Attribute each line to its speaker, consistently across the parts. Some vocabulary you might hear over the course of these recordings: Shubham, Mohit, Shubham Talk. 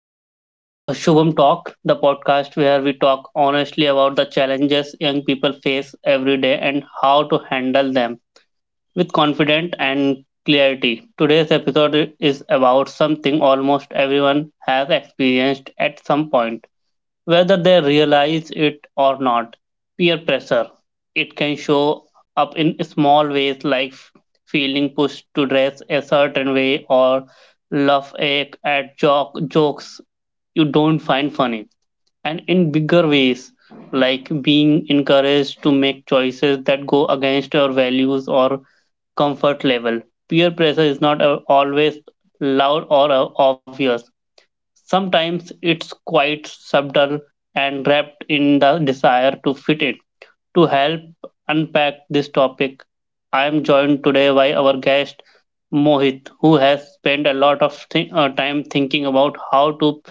Speaker 1: Welcome to Shubham Talk, the podcast where we talk honestly about the challenges young people face every day and how to handle them with confidence and clarity. Today's episode is about something almost everyone has experienced at some point, whether they realize it or not, peer pressure. It can show up in small ways, like feeling pushed to dress a certain way or laugh at jokes you don't find funny, and in bigger ways, like being encouraged to make choices that go against your values or comfort level. Peer pressure is not always loud or obvious. Sometimes it's quite subtle and wrapped in the desire to fit in. To help unpack this topic, I am joined today by our guest Mohit, who has spent a lot of time thinking about how to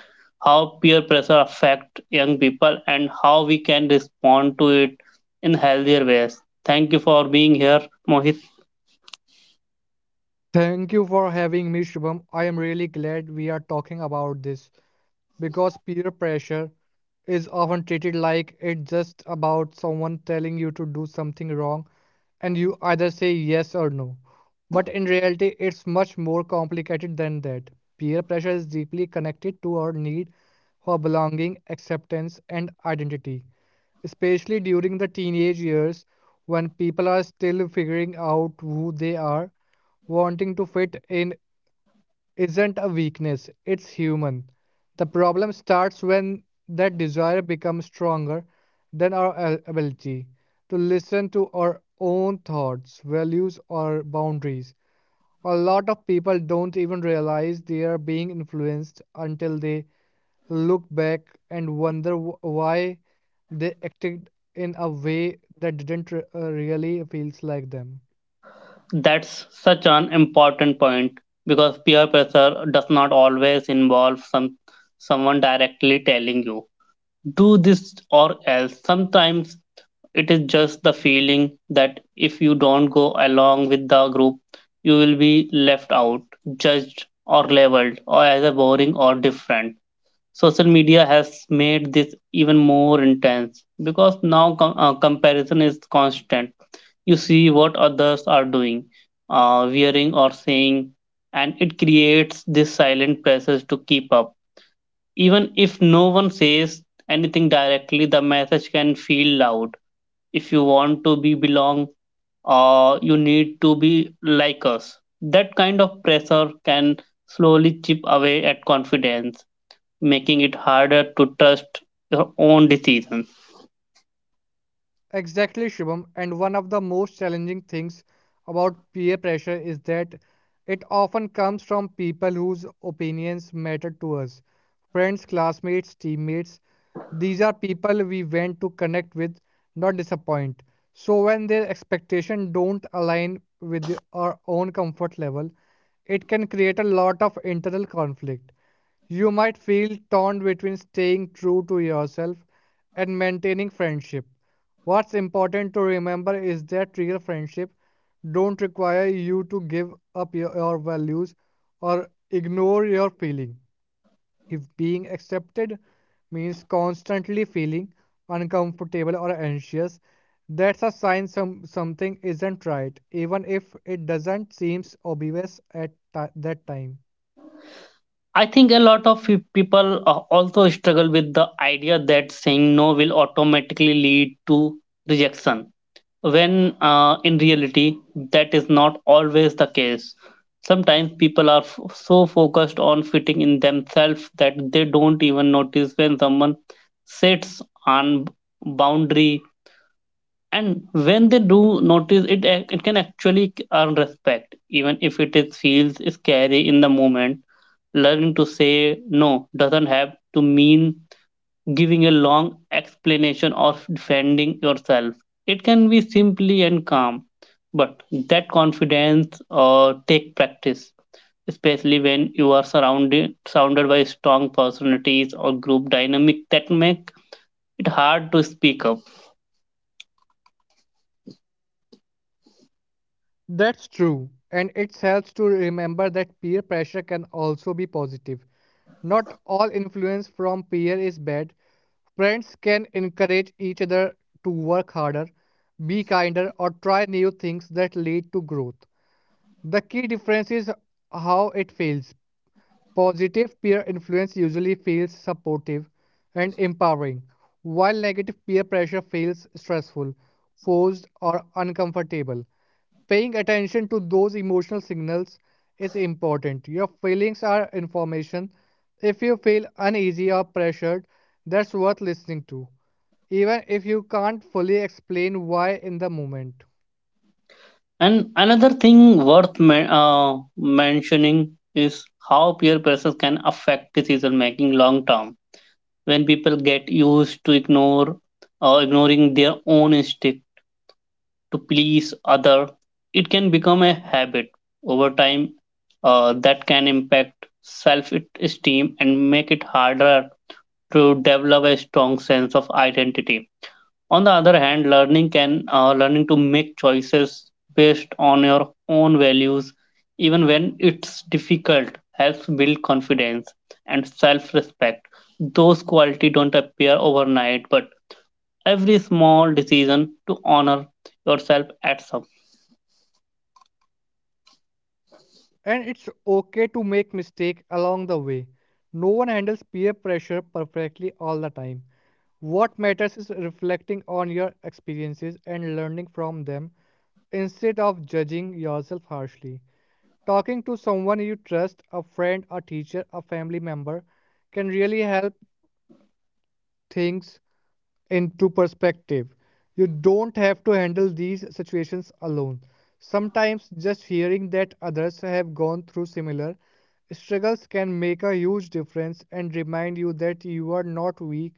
Speaker 1: how peer pressure affect young people and how we can respond to it in healthier ways. Thank you for being here, Mohit.
Speaker 2: Thank you for having me, Shubham. I am really glad we are talking about this because peer pressure is often treated like it's just about someone telling you to do something wrong and you either say yes or no. But in reality, it's much more complicated than that. Peer pressure is deeply connected to our need for belonging, acceptance, and identity, especially during the teenage years when people are still figuring out who they are, wanting to fit in isn't a weakness, it's human. The problem starts when that desire becomes stronger than our ability to listen to our own thoughts, values, or boundaries. A lot of people don't even realize they are being influenced until they look back and wonder why they acted in a way that didn't really feels like them.
Speaker 1: That's such an important point because peer pressure does not always involve someone directly telling you do this or else. Sometimes it is just the feeling that if you don't go along with the group, you will be left out, judged or labeled or as a boring or different. Social media has made this even more intense because now comparison is constant. You see what others are doing, wearing, or saying, and it creates this silent pressure to keep up. Even if no one says anything directly, the message can feel loud. If you want to be belong, you need to be like us. That kind of pressure can slowly chip away at confidence, making it harder to trust your own decisions.
Speaker 2: Exactly, Shubham. And one of the most challenging things about peer pressure is that it often comes from people whose opinions matter to us friends, classmates, teammates. These are people we want to connect with, not disappoint. So when their expectations don't align with our own comfort level, it can create a lot of internal conflict. You might feel torn between staying true to yourself and maintaining friendship. What's important to remember is that real friendship don't require you to give up your values or ignore your feeling. If being accepted means constantly feeling uncomfortable or anxious, that's a sign something isn't right, even if it doesn't seem obvious at that time.
Speaker 1: I think a lot of people also struggle with the idea that saying no will automatically lead to rejection, when in reality, that is not always the case. Sometimes people are so focused on fitting in themselves that they don't even notice when someone sits on boundary, and when they do notice it can actually earn respect even if it is feels scary in the moment. Learning to say no doesn't have to mean giving a long explanation or defending yourself. It can be simply and calm, but that confidence take practice, especially when you are surrounded by strong personalities or group dynamic that make it hard to speak up.
Speaker 2: That's true, and it helps to remember that peer pressure can also be positive. Not all influence from peer is bad. Friends can encourage each other to work harder, be kinder, or try new things that lead to growth. The key difference is how it feels. Positive peer influence usually feels supportive and empowering, while negative peer pressure feels stressful, forced, or uncomfortable. Paying attention to those emotional signals is important. Your feelings are information. If you feel uneasy or pressured, that's worth listening to, even if you can't fully explain why in the moment.
Speaker 1: And another thing worth mentioning is how peer pressure can affect decision making long term. When people get used to ignore or ignoring their own instinct to please other, it can become a habit over time, that can impact self esteem and make it harder to develop a strong sense of identity. On the other hand, learning to make choices based on your own values, even when it's difficult, helps build confidence and self-respect. Those qualities don't appear overnight, but every small decision to honor yourself adds up.
Speaker 2: And it's okay to make mistakes along the way. No one handles peer pressure perfectly all the time. What matters is reflecting on your experiences and learning from them instead of judging yourself harshly. Talking to someone you trust, a friend, a teacher, a family member, can really help things into perspective. You don't have to handle these situations alone. Sometimes just hearing that others have gone through similar struggles can make a huge difference and remind you that you are not weak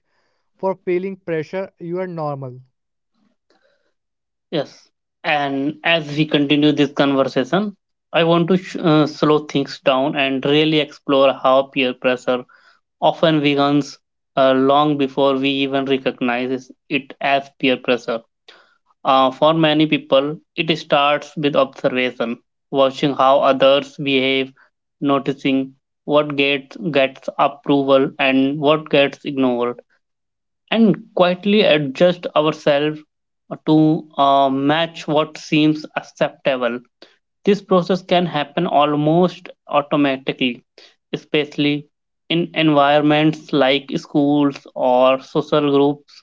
Speaker 2: for feeling pressure, you are normal.
Speaker 1: Yes. And as we continue this conversation, I want to slow things down and really explore how peer pressure often vegans long before we even recognize it as peer pressure. For many people, it starts with observation, watching how others behave, noticing what gets approval and what gets ignored, and quietly adjust ourselves to match what seems acceptable. This process can happen almost automatically, especially in environments like schools or social groups,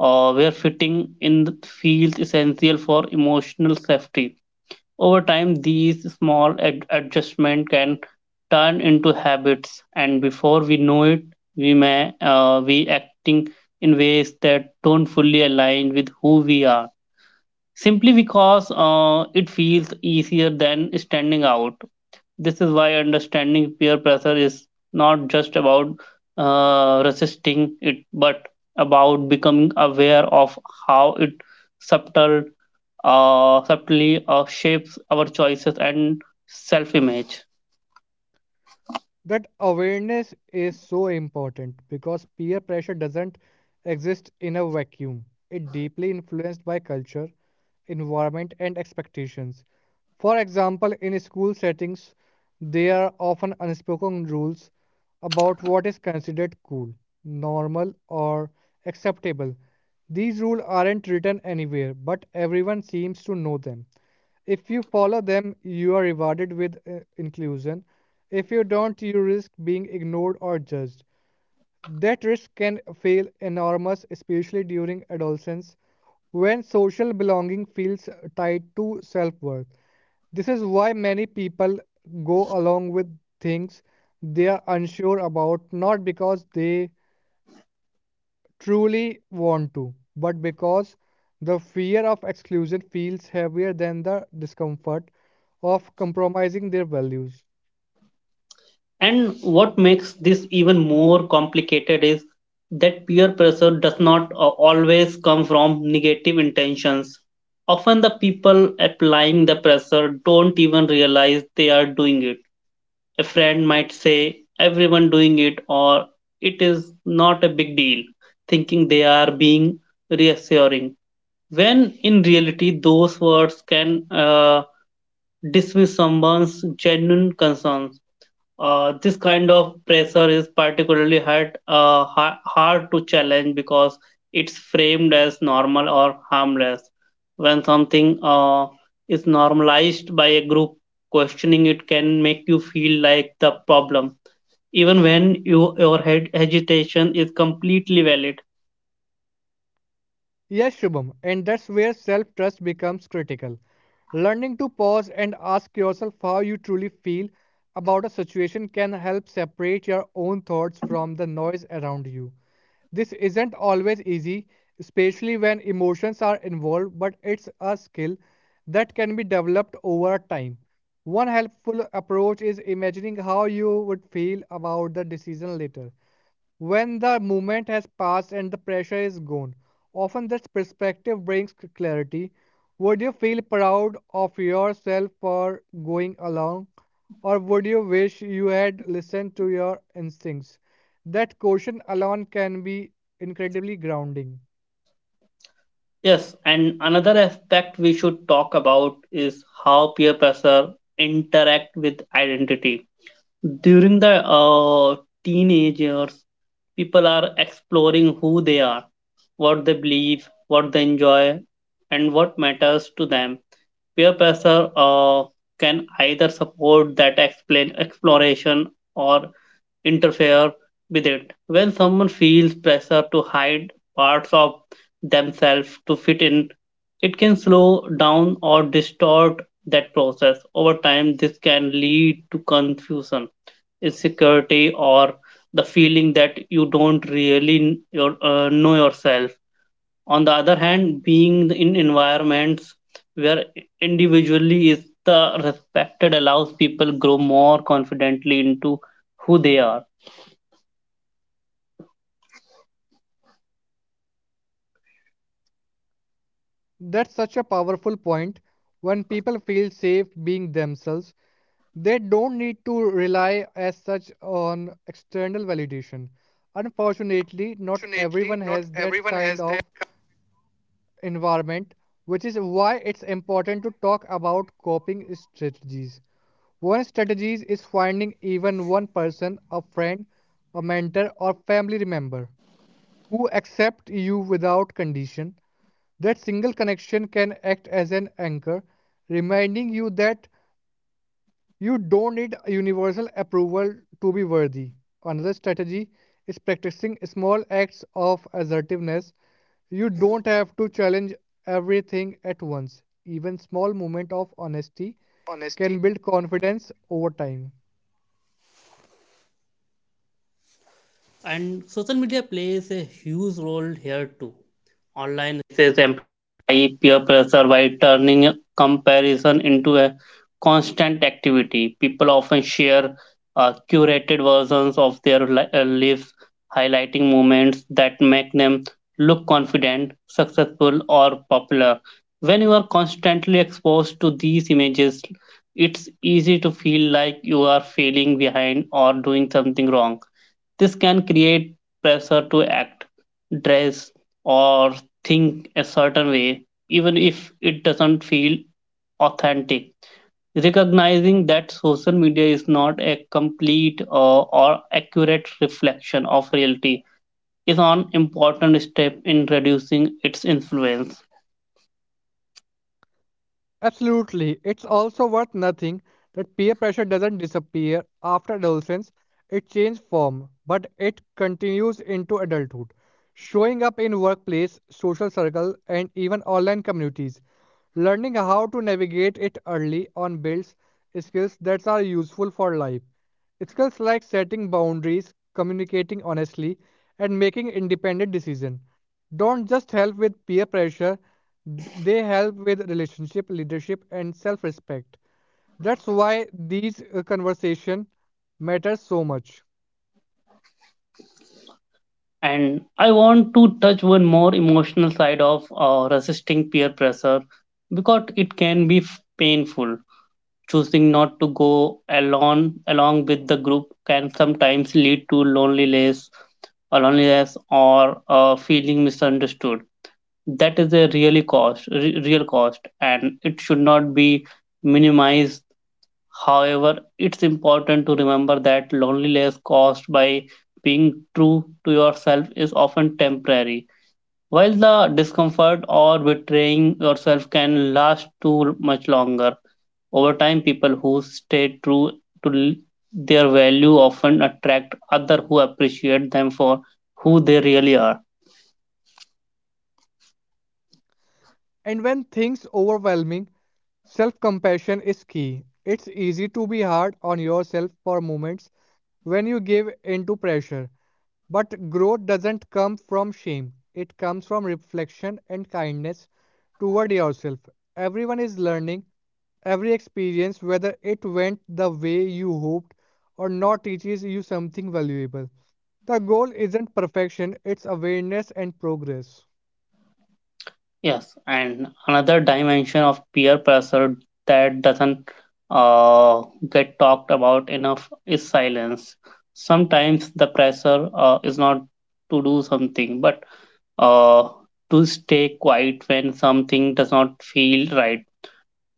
Speaker 1: where fitting in feels essential for emotional safety. Over time, these small adjustments can turn into habits, and before we know it, we may be acting in ways that don't fully align with who we are, simply because it feels easier than standing out. This is why understanding peer pressure is not just about resisting it, but about becoming aware of how it subtle, subtly shapes our choices and self image.
Speaker 2: That awareness is so important because peer pressure doesn't exist in a vacuum. It deeply influenced by culture, environment and expectations. For example, in school settings, there are often unspoken rules about what is considered cool, normal or acceptable. These rules aren't written anywhere, but everyone seems to know them. If you follow them, you are rewarded with inclusion. If you don't, you risk being ignored or judged. That risk can feel enormous, especially during adolescence, when social belonging feels tied to self worth. This is why many people go along with things they are unsure about, not because they truly want to, but because the fear of exclusion feels heavier than the discomfort of compromising their values.
Speaker 1: And what makes this even more complicated is that peer pressure does not always come from negative intentions. Often, the people applying the pressure don't even realize they are doing it. A friend might say everyone doing it, or it is not a big deal, thinking they are being reassuring, when in reality those words can dismiss someone's genuine concerns. This kind of pressure is particularly hard to challenge because it's framed as normal or harmless. When something is normalized by a group, questioning it can make you feel like the problem, even when you, your head agitation is completely valid.
Speaker 2: Yes, Shubham, and that's where self trust becomes critical. Learning to pause and ask yourself how you truly feel about a situation can help separate your own thoughts from the noise around you. This isn't always easy, especially when emotions are involved, but it's a skill that can be developed over time. One helpful approach is imagining how you would feel about the decision later when the moment has passed and the pressure is gone, often this perspective brings clarity. Would you feel proud of yourself for going along, or would you wish you had listened to your instincts? That question alone can be incredibly grounding.
Speaker 1: Yes, and another aspect we should talk about is how peer pressure interact with identity. During the teenage years, people are exploring who they are, what they believe, what they enjoy, and what matters to them. Peer pressure can either support that explain exploration, or interfere with it. When someone feels pressure to hide parts of themselves to fit in, it can slow down or distort that process. Over time, this can lead to confusion, insecurity, or the feeling that you don't really know yourself. On the other hand, being in environments where individually is the respected allows people grow more confidently into who they are
Speaker 2: That's such a powerful point. When people feel safe being themselves, they don't need to rely as such on external validation. Unfortunately, not everyone has that kind of environment, which is why it's important to talk about coping strategies. One strategy is finding even one person, a friend, a mentor, or family member who accept you without condition. That single connection can act as an anchor, reminding you that you don't need universal approval to be worthy. Another strategy is practicing small acts of assertiveness. You don't have to challenge everything at once. Even small moments of honesty can build confidence over time.
Speaker 1: into a constant activity. People often share curated versions of their lives, highlighting moments that make them look confident, successful, or popular. When you are constantly exposed to these images, it's easy to feel like are failing behind or doing something wrong. This can create pressure to act, dress, or think a certain way, even if it doesn't feel authentic. Recognizing that social media is not a complete or accurate reflection of reality is an important step in reducing its influence.
Speaker 2: Absolutely. It's also worth noting that peer pressure doesn't disappear after adolescence, it changes form, but it continues into adulthood, showing up in workplace, social circle, and even online communities. Learning how to navigate it early on builds skills that are useful for life, it feels like setting boundaries, communicating honestly, and making independent decisions. Don't just help with peer pressure, they help with relationship, leadership, and self respect. That's why these conversations matter so much.
Speaker 1: And I want to touch one more emotional side of resisting peer pressure because it can be painful. Choosing not to go alone along with the group can sometimes lead to loneliness, or loneliness, or feeling misunderstood. That is a really real cost, and it should not be minimized. However, it's important to remember that loneliness caused by being true to yourself is often temporary, while the discomfort or betraying yourself can last too much longer. Over time, people who stay true to their value often attract other who appreciate them for who they really are.
Speaker 2: And when things overwhelming, self-compassion is key. It's easy to be hard on yourself for moments when you give in to pressure. But growth doesn't come from shame. It comes from reflection and kindness toward yourself. Everyone is learning. Every experience, whether it went the way you hoped or not, teaches you something valuable. The goal isn't perfection, it's awareness and progress.
Speaker 1: Yes, and another dimension of peer pressure that doesn't uh, get talked about enough is silence. Sometimes the pressure is not to do something, but uh, to stay quiet when something does not feel right.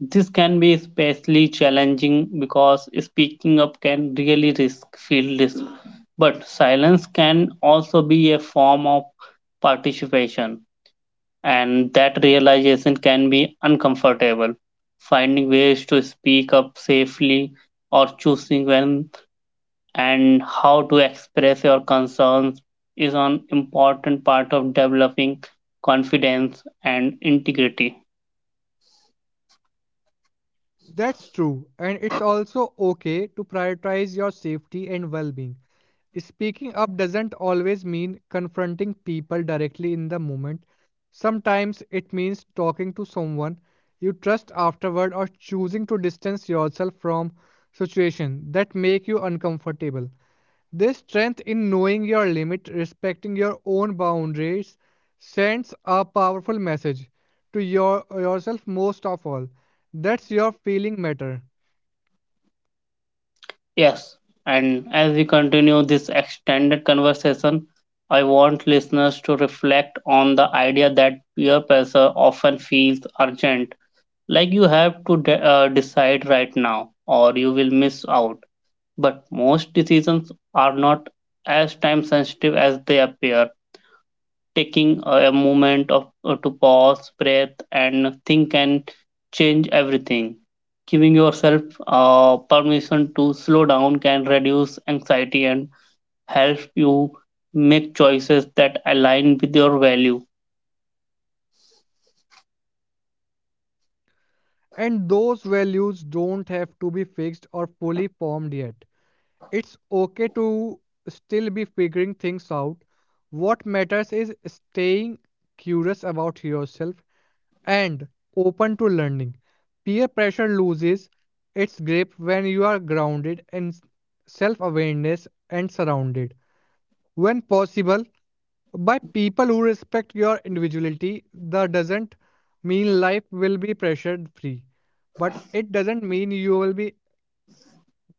Speaker 1: This can be especially challenging because speaking up can really risk feel risk, but silence can also be a form of participation, and that realization can be uncomfortable. Finding ways to speak up safely, or choosing when and how to express your concerns, is an important part of developing confidence and integrity.
Speaker 2: That's true, and it's also okay to prioritize your safety and well being. Speaking up doesn't always mean confronting people directly in the moment. Sometimes it means talking to someone you trust afterward or choosing to distance yourself from situations that make you uncomfortable. This strength in knowing your limit, respecting your own boundaries, sends a powerful message to your yourself most of all. That's your feeling matter.
Speaker 1: Yes, and as we continue this extended conversation, I want listeners to reflect on the idea that peer pressure often feels urgent, like you have to decide right now or you will miss out. But most decisions are not as time sensitive as they appear. Taking a moment of to pause, breathe and think can change everything. Giving yourself permission to slow down can reduce anxiety and help you make choices that align with your value.
Speaker 2: And those values don't have to be fixed or fully formed yet. It's okay to still be figuring things out. What matters is staying curious about yourself and open to learning. Peer pressure loses its grip when you are grounded in self awareness and surrounded, when possible, by people who respect your individuality. That doesn't mean life will be pressure free, but it doesn't mean you will be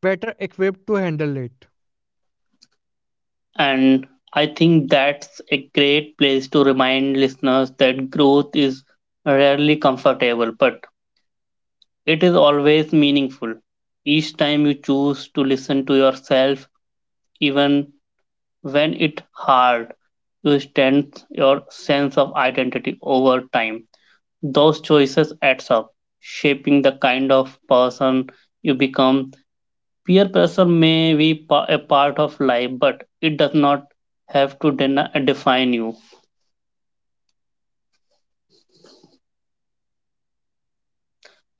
Speaker 2: better equipped to handle it.
Speaker 1: And I think that's a great place to remind listeners that growth is rarely comfortable, but it is always meaningful. Each time you choose to listen to yourself, even when it's hard, you strengthen your sense of identity over time. Those choices adds up, shaping the kind of person you become. Peer pressure may be a part of life, but it does not have to define you.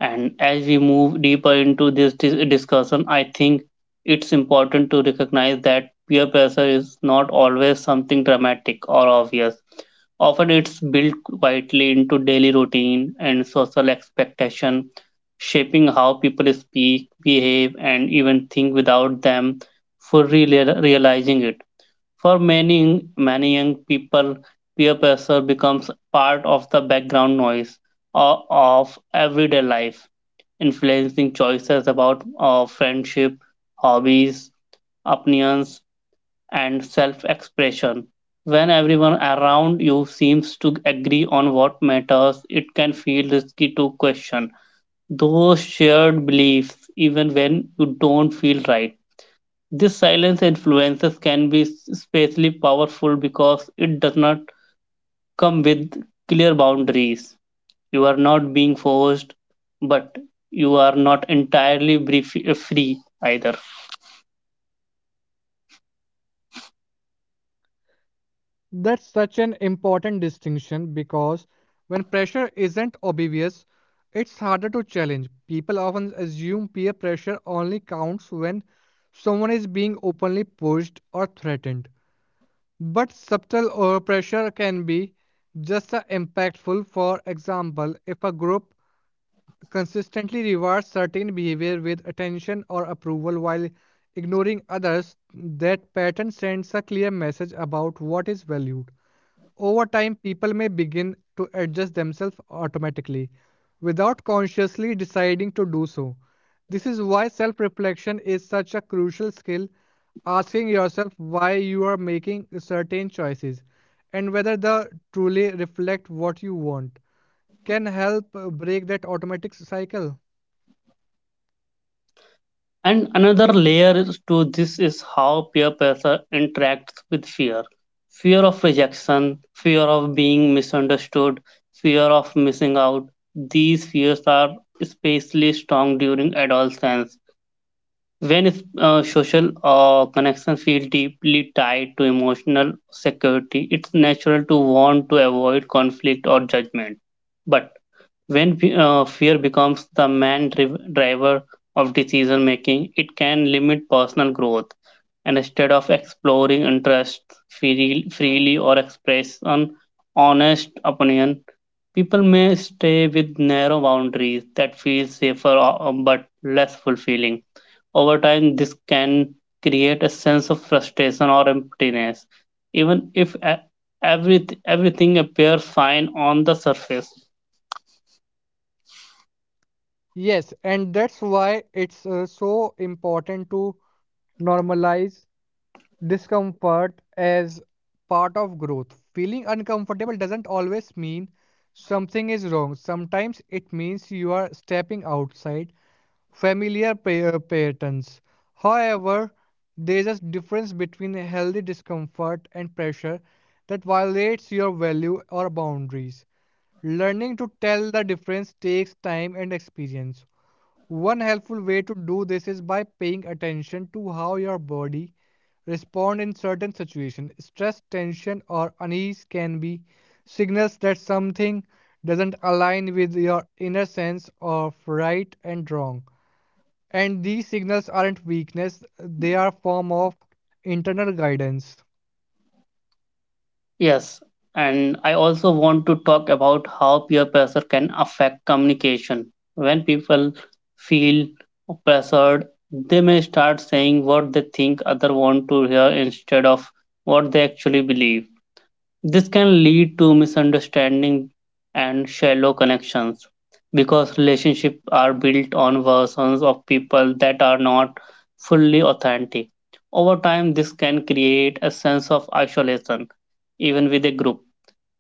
Speaker 1: And as we move deeper into this discussion, I think it's important to recognize that peer pressure is not always something dramatic or obvious. Often it's built quietly into daily routine and social expectation, shaping how people speak, behave, and even think without them fully realizing it. For many, many young people, peer pressure becomes part of the background noise of everyday life, influencing choices about friendship, hobbies, opinions, and self expression. When everyone around you seems to agree on what matters, it can feel risky to question those shared beliefs even when you don't feel right. This silence influences can be especially powerful because it does not come with clear boundaries. You are not being forced, but you are not entirely free either.
Speaker 2: That's such an important distinction because when pressure isn't obvious, it's harder to challenge. People often assume peer pressure only counts when someone is being openly pushed or threatened. But subtle or pressure can be just as impactful. For example, if a group consistently rewards certain behavior with attention or approval while ignoring others, that pattern sends a clear message about what is valued. Over time, people may begin to adjust themselves automatically without consciously deciding to do so. This is why self reflection is such a crucial skill. Asking yourself why you are making certain choices and whether they truly reflect what you want can help break that automatic cycle.
Speaker 1: And another layer to this is how peer pressure interacts with fear, fear of rejection, fear of being misunderstood, fear of missing out. These fears are especially strong during adolescence. When social connections feel deeply tied to emotional security, it's natural to want to avoid conflict or judgment. But when fear becomes the main driver of decision making, it can limit personal growth. And instead of exploring interests freely or express an honest opinion, people may stay with narrow boundaries that feel safer but less fulfilling. Over time, this can create a sense of frustration or emptiness, even if everything appears fine on the surface.
Speaker 2: Yes, and that's why it's so important to normalize discomfort as part of growth. Feeling uncomfortable doesn't always mean something is wrong. Sometimes it means you are stepping outside familiar patterns. However, there is a difference between a healthy discomfort and pressure that violates your value or boundaries. Learning to tell the difference takes time and experience. One helpful way to do this is by paying attention to how your body responds in certain situations. Stress, tension, or unease can be signals that something doesn't align with your inner sense of right and wrong. And these signals aren't weakness, they are a form of internal guidance.
Speaker 1: Yes, and I also want to talk about how peer pressure can affect communication. When people feel pressured, they may start saying what they think others want to hear instead of what they actually believe. This can lead to misunderstanding and shallow connections because relationships are built on versions of people that are not fully authentic. Over time, this can create a sense of isolation. Even with a group,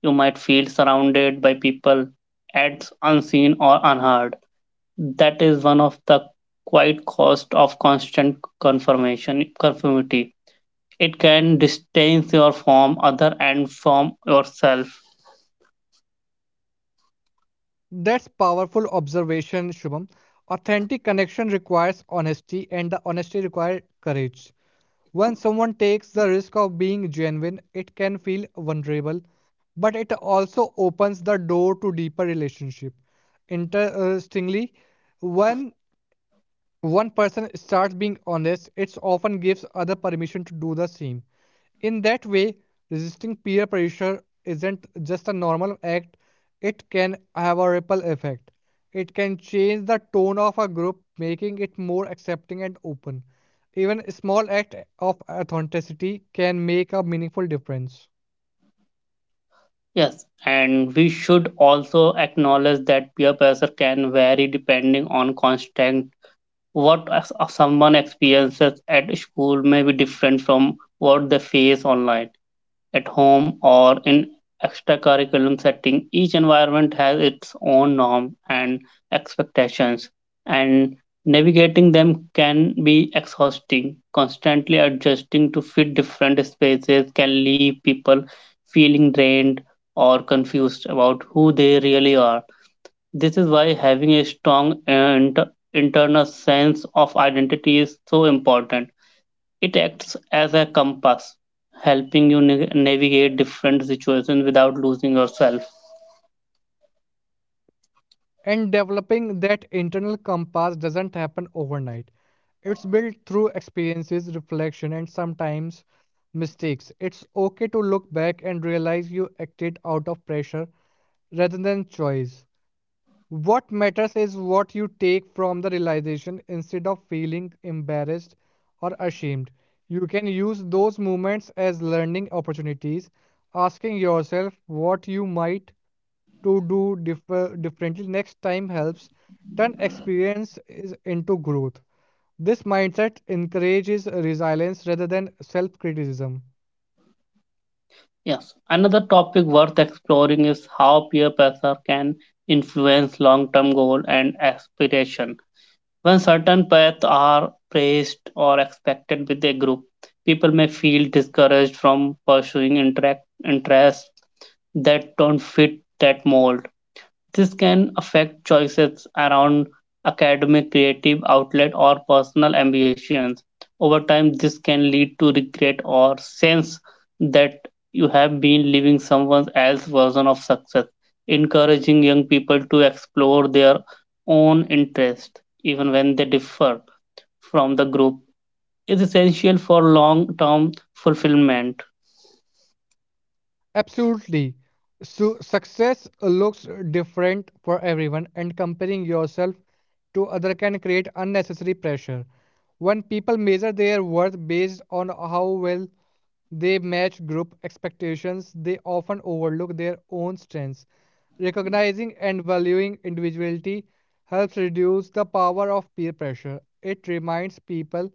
Speaker 1: you might feel surrounded by people ads unseen or unheard. That is one of the quiet cost of constant confirmation conformity. It can distance your from other and from yourself.
Speaker 2: That's powerful observation, Shubham. Authentic connection requires honesty, and the honesty requires courage. When someone takes the risk of being genuine, it can feel vulnerable, but it also opens the door to deeper relationship. Interestingly, when one person starts being honest, it often gives other permission to do the same. In that way, resisting peer pressure isn't just a normal act, it can have a ripple effect. It can change the tone of a group, making it more accepting and open. Even a small act of authenticity can make a meaningful difference.
Speaker 1: Yes, and we should also acknowledge that peer pressure can vary depending on constant. Someone experiences at school may be different from what they face online at home or in extracurriculum setting. Each environment has its own norm and expectations, and navigating them can be exhausting. Constantly adjusting to fit different spaces can leave people feeling drained or confused about who they really are. This is why having a strong and internal sense of identity is so important. It acts as a compass, helping you navigate different situations without losing yourself.
Speaker 2: And developing that internal compass doesn't happen overnight. It's built through experiences, reflection, and sometimes mistakes. It's okay to look back and realize you acted out of pressure rather than choice. What matters is what you take from the realization instead of feeling embarrassed or ashamed. You can use those moments as learning opportunities, asking yourself what you might to do differently next time helps turn experience is into growth. This mindset encourages resilience rather than self criticism.
Speaker 1: Yes. Another topic worth exploring is how peer pressure can influence long term goal and aspiration. When certain paths are praised or expected with a group, people may feel discouraged from pursuing interests that don't fit that mold. This can affect choices around academic, creative outlet, or personal ambitions. Over time, this can lead to regret or sense that you have been living someone else's version of success. Encouraging young people to explore their own interests, even when they differ from the group, is essential for long term fulfillment.
Speaker 2: Absolutely. So, success looks different for everyone, and comparing yourself to other can create unnecessary pressure. When people measure their worth based on how well They match group expectations, they often overlook their own strengths. Recognizing and valuing individuality helps reduce the power of peer pressure. It reminds people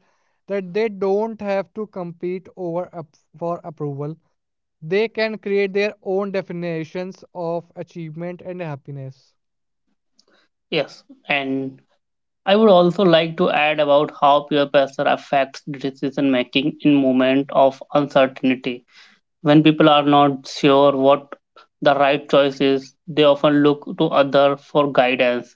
Speaker 2: that they don't have to compete over for approval. They can create their own definitions of achievement and happiness.
Speaker 1: Yes, and I would also like to add about how peer pressure affects decision making in moment of uncertainty. When people are not sure what the right choice is, they often look to other for guidance.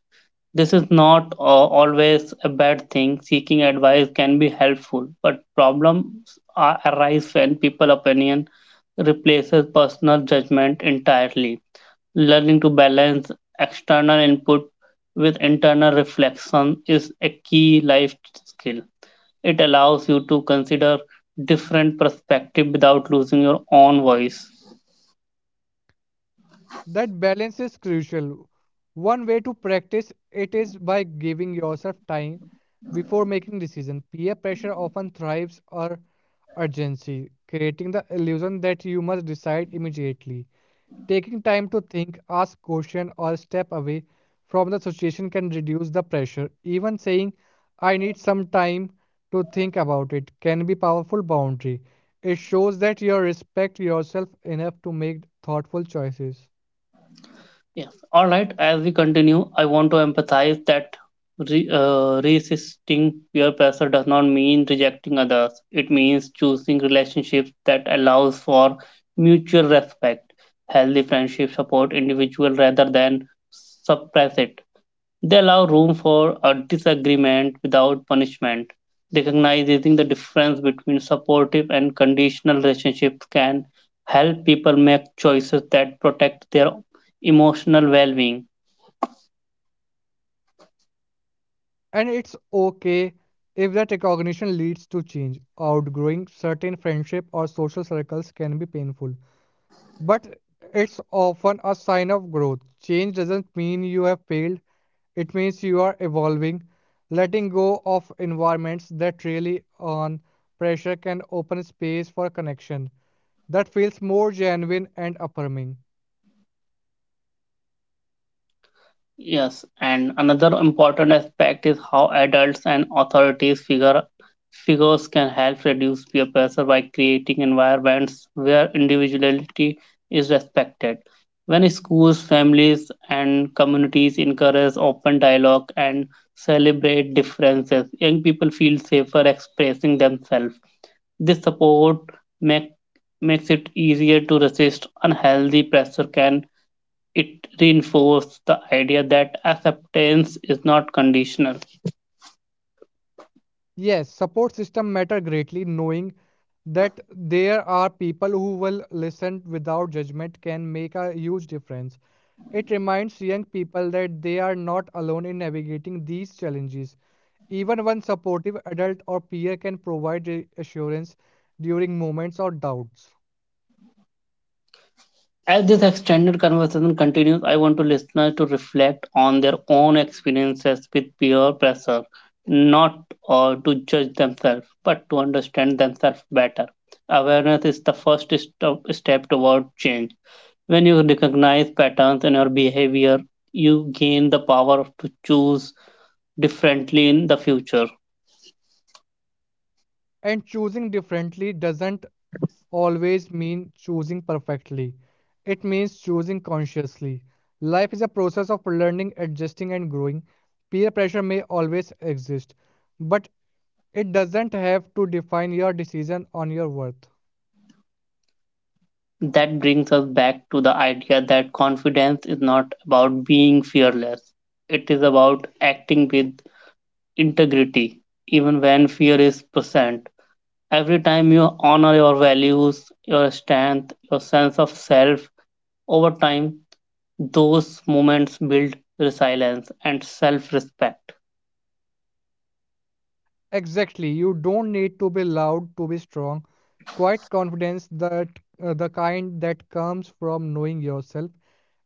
Speaker 1: This is not always a bad thing. Seeking advice can be helpful, but arise when people opinion replaces personal judgment entirely. Learning to balance external input with internal reflection is a key life skill. It allows you to consider different perspectives without losing your own voice.
Speaker 2: That balance is crucial. One way to practice it is by giving yourself time before making decisions. Peer pressure often thrives on urgency, creating the illusion that you must decide immediately. Taking time to think, ask question, or step away from the situation can reduce the pressure. Even saying, I need some time to think about it can be powerful boundary. It shows that you respect yourself enough to make thoughtful choices.
Speaker 1: Yes. All right. As we continue, I want to emphasize that resisting peer pressure does not mean rejecting others. It means choosing relationships that allows for mutual respect. Healthy friendships support individual rather than suppress it. They allow room for a disagreement without punishment. Recognizing the difference between supportive and conditional relationships can help people make choices that protect their emotional well being.
Speaker 2: And it's okay if that recognition leads to change. Outgrowing certain friendship or social circles can be painful, but it's often a sign of growth. Change doesn't mean you have failed, it means you are evolving. Letting go of environments that really on pressure can open space for connection that feels more genuine and affirming.
Speaker 1: Yes, and another important aspect is how adults and authorities figures can help reduce peer pressure by creating environments where individuality is respected. When schools, families, and communities encourage open dialogue and celebrate differences, young people feel safer expressing themselves. This support make, makes it easier to resist unhealthy pressure can it reinforced the idea that acceptance is not conditional.
Speaker 2: Yes, support system matter greatly. Knowing that there are people who will listen without judgment can make a huge difference. It reminds young people that they are not alone in navigating these challenges. Even one supportive adult or peer can provide reassurance during moments of doubts.
Speaker 1: As this extended conversation continues, I want to listeners to reflect on their own experiences with peer pressure, not to judge themselves, but to understand themselves better. Awareness is the step toward change. When you recognize patterns in your behavior, you gain the power to choose differently in the future.
Speaker 2: And choosing differently doesn't always mean choosing perfectly. It means choosing consciously. Life is a process of learning, adjusting, and growing. Peer pressure may always exist, but it doesn't have to define your decision on your worth.
Speaker 1: That brings us back to the idea that confidence is not about being fearless. It is about acting with integrity, even when fear is present. Every time you honor your values, your strength, your sense of self, over time, those moments build resilience and self respect.
Speaker 2: Exactly, you don't need to be loud to be strong. Quiet confidence that the kind that comes from knowing yourself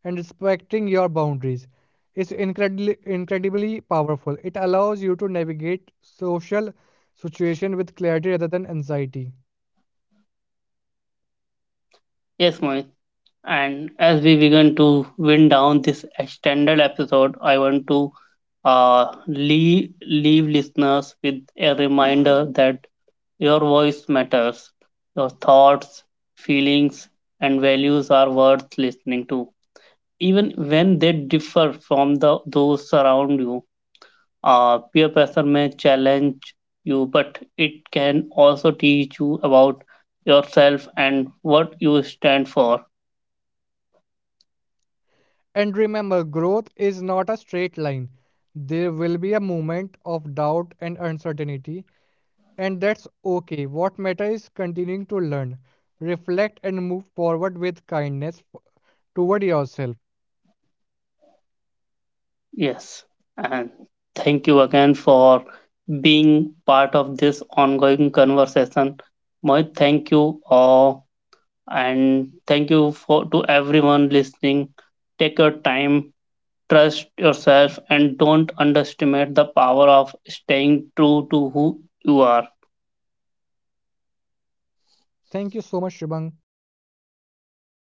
Speaker 2: and respecting your boundaries is incredibly powerful. It allows you to navigate social situation with clarity rather than anxiety.
Speaker 1: Yes, Moin. And as we begin to wind down this extended episode, I want to leave listeners with a reminder that your voice matters. Your thoughts, feelings, and values are worth listening to. Even when they differ from the those around you, peer pressure may challenge you, but it can also teach you about yourself and what you stand for.
Speaker 2: And remember, growth is not a straight line. There will be a moment of doubt and uncertainty, and that's okay. What matters is continuing to learn, reflect, and move forward with kindness toward yourself.
Speaker 1: Yes, and thank you again for being part of this ongoing conversation. Mohit, thank you, all, and thank you for to everyone listening. Take your time, trust yourself, and don't underestimate the power of staying true to who you are.
Speaker 2: Thank you so much, Shubham.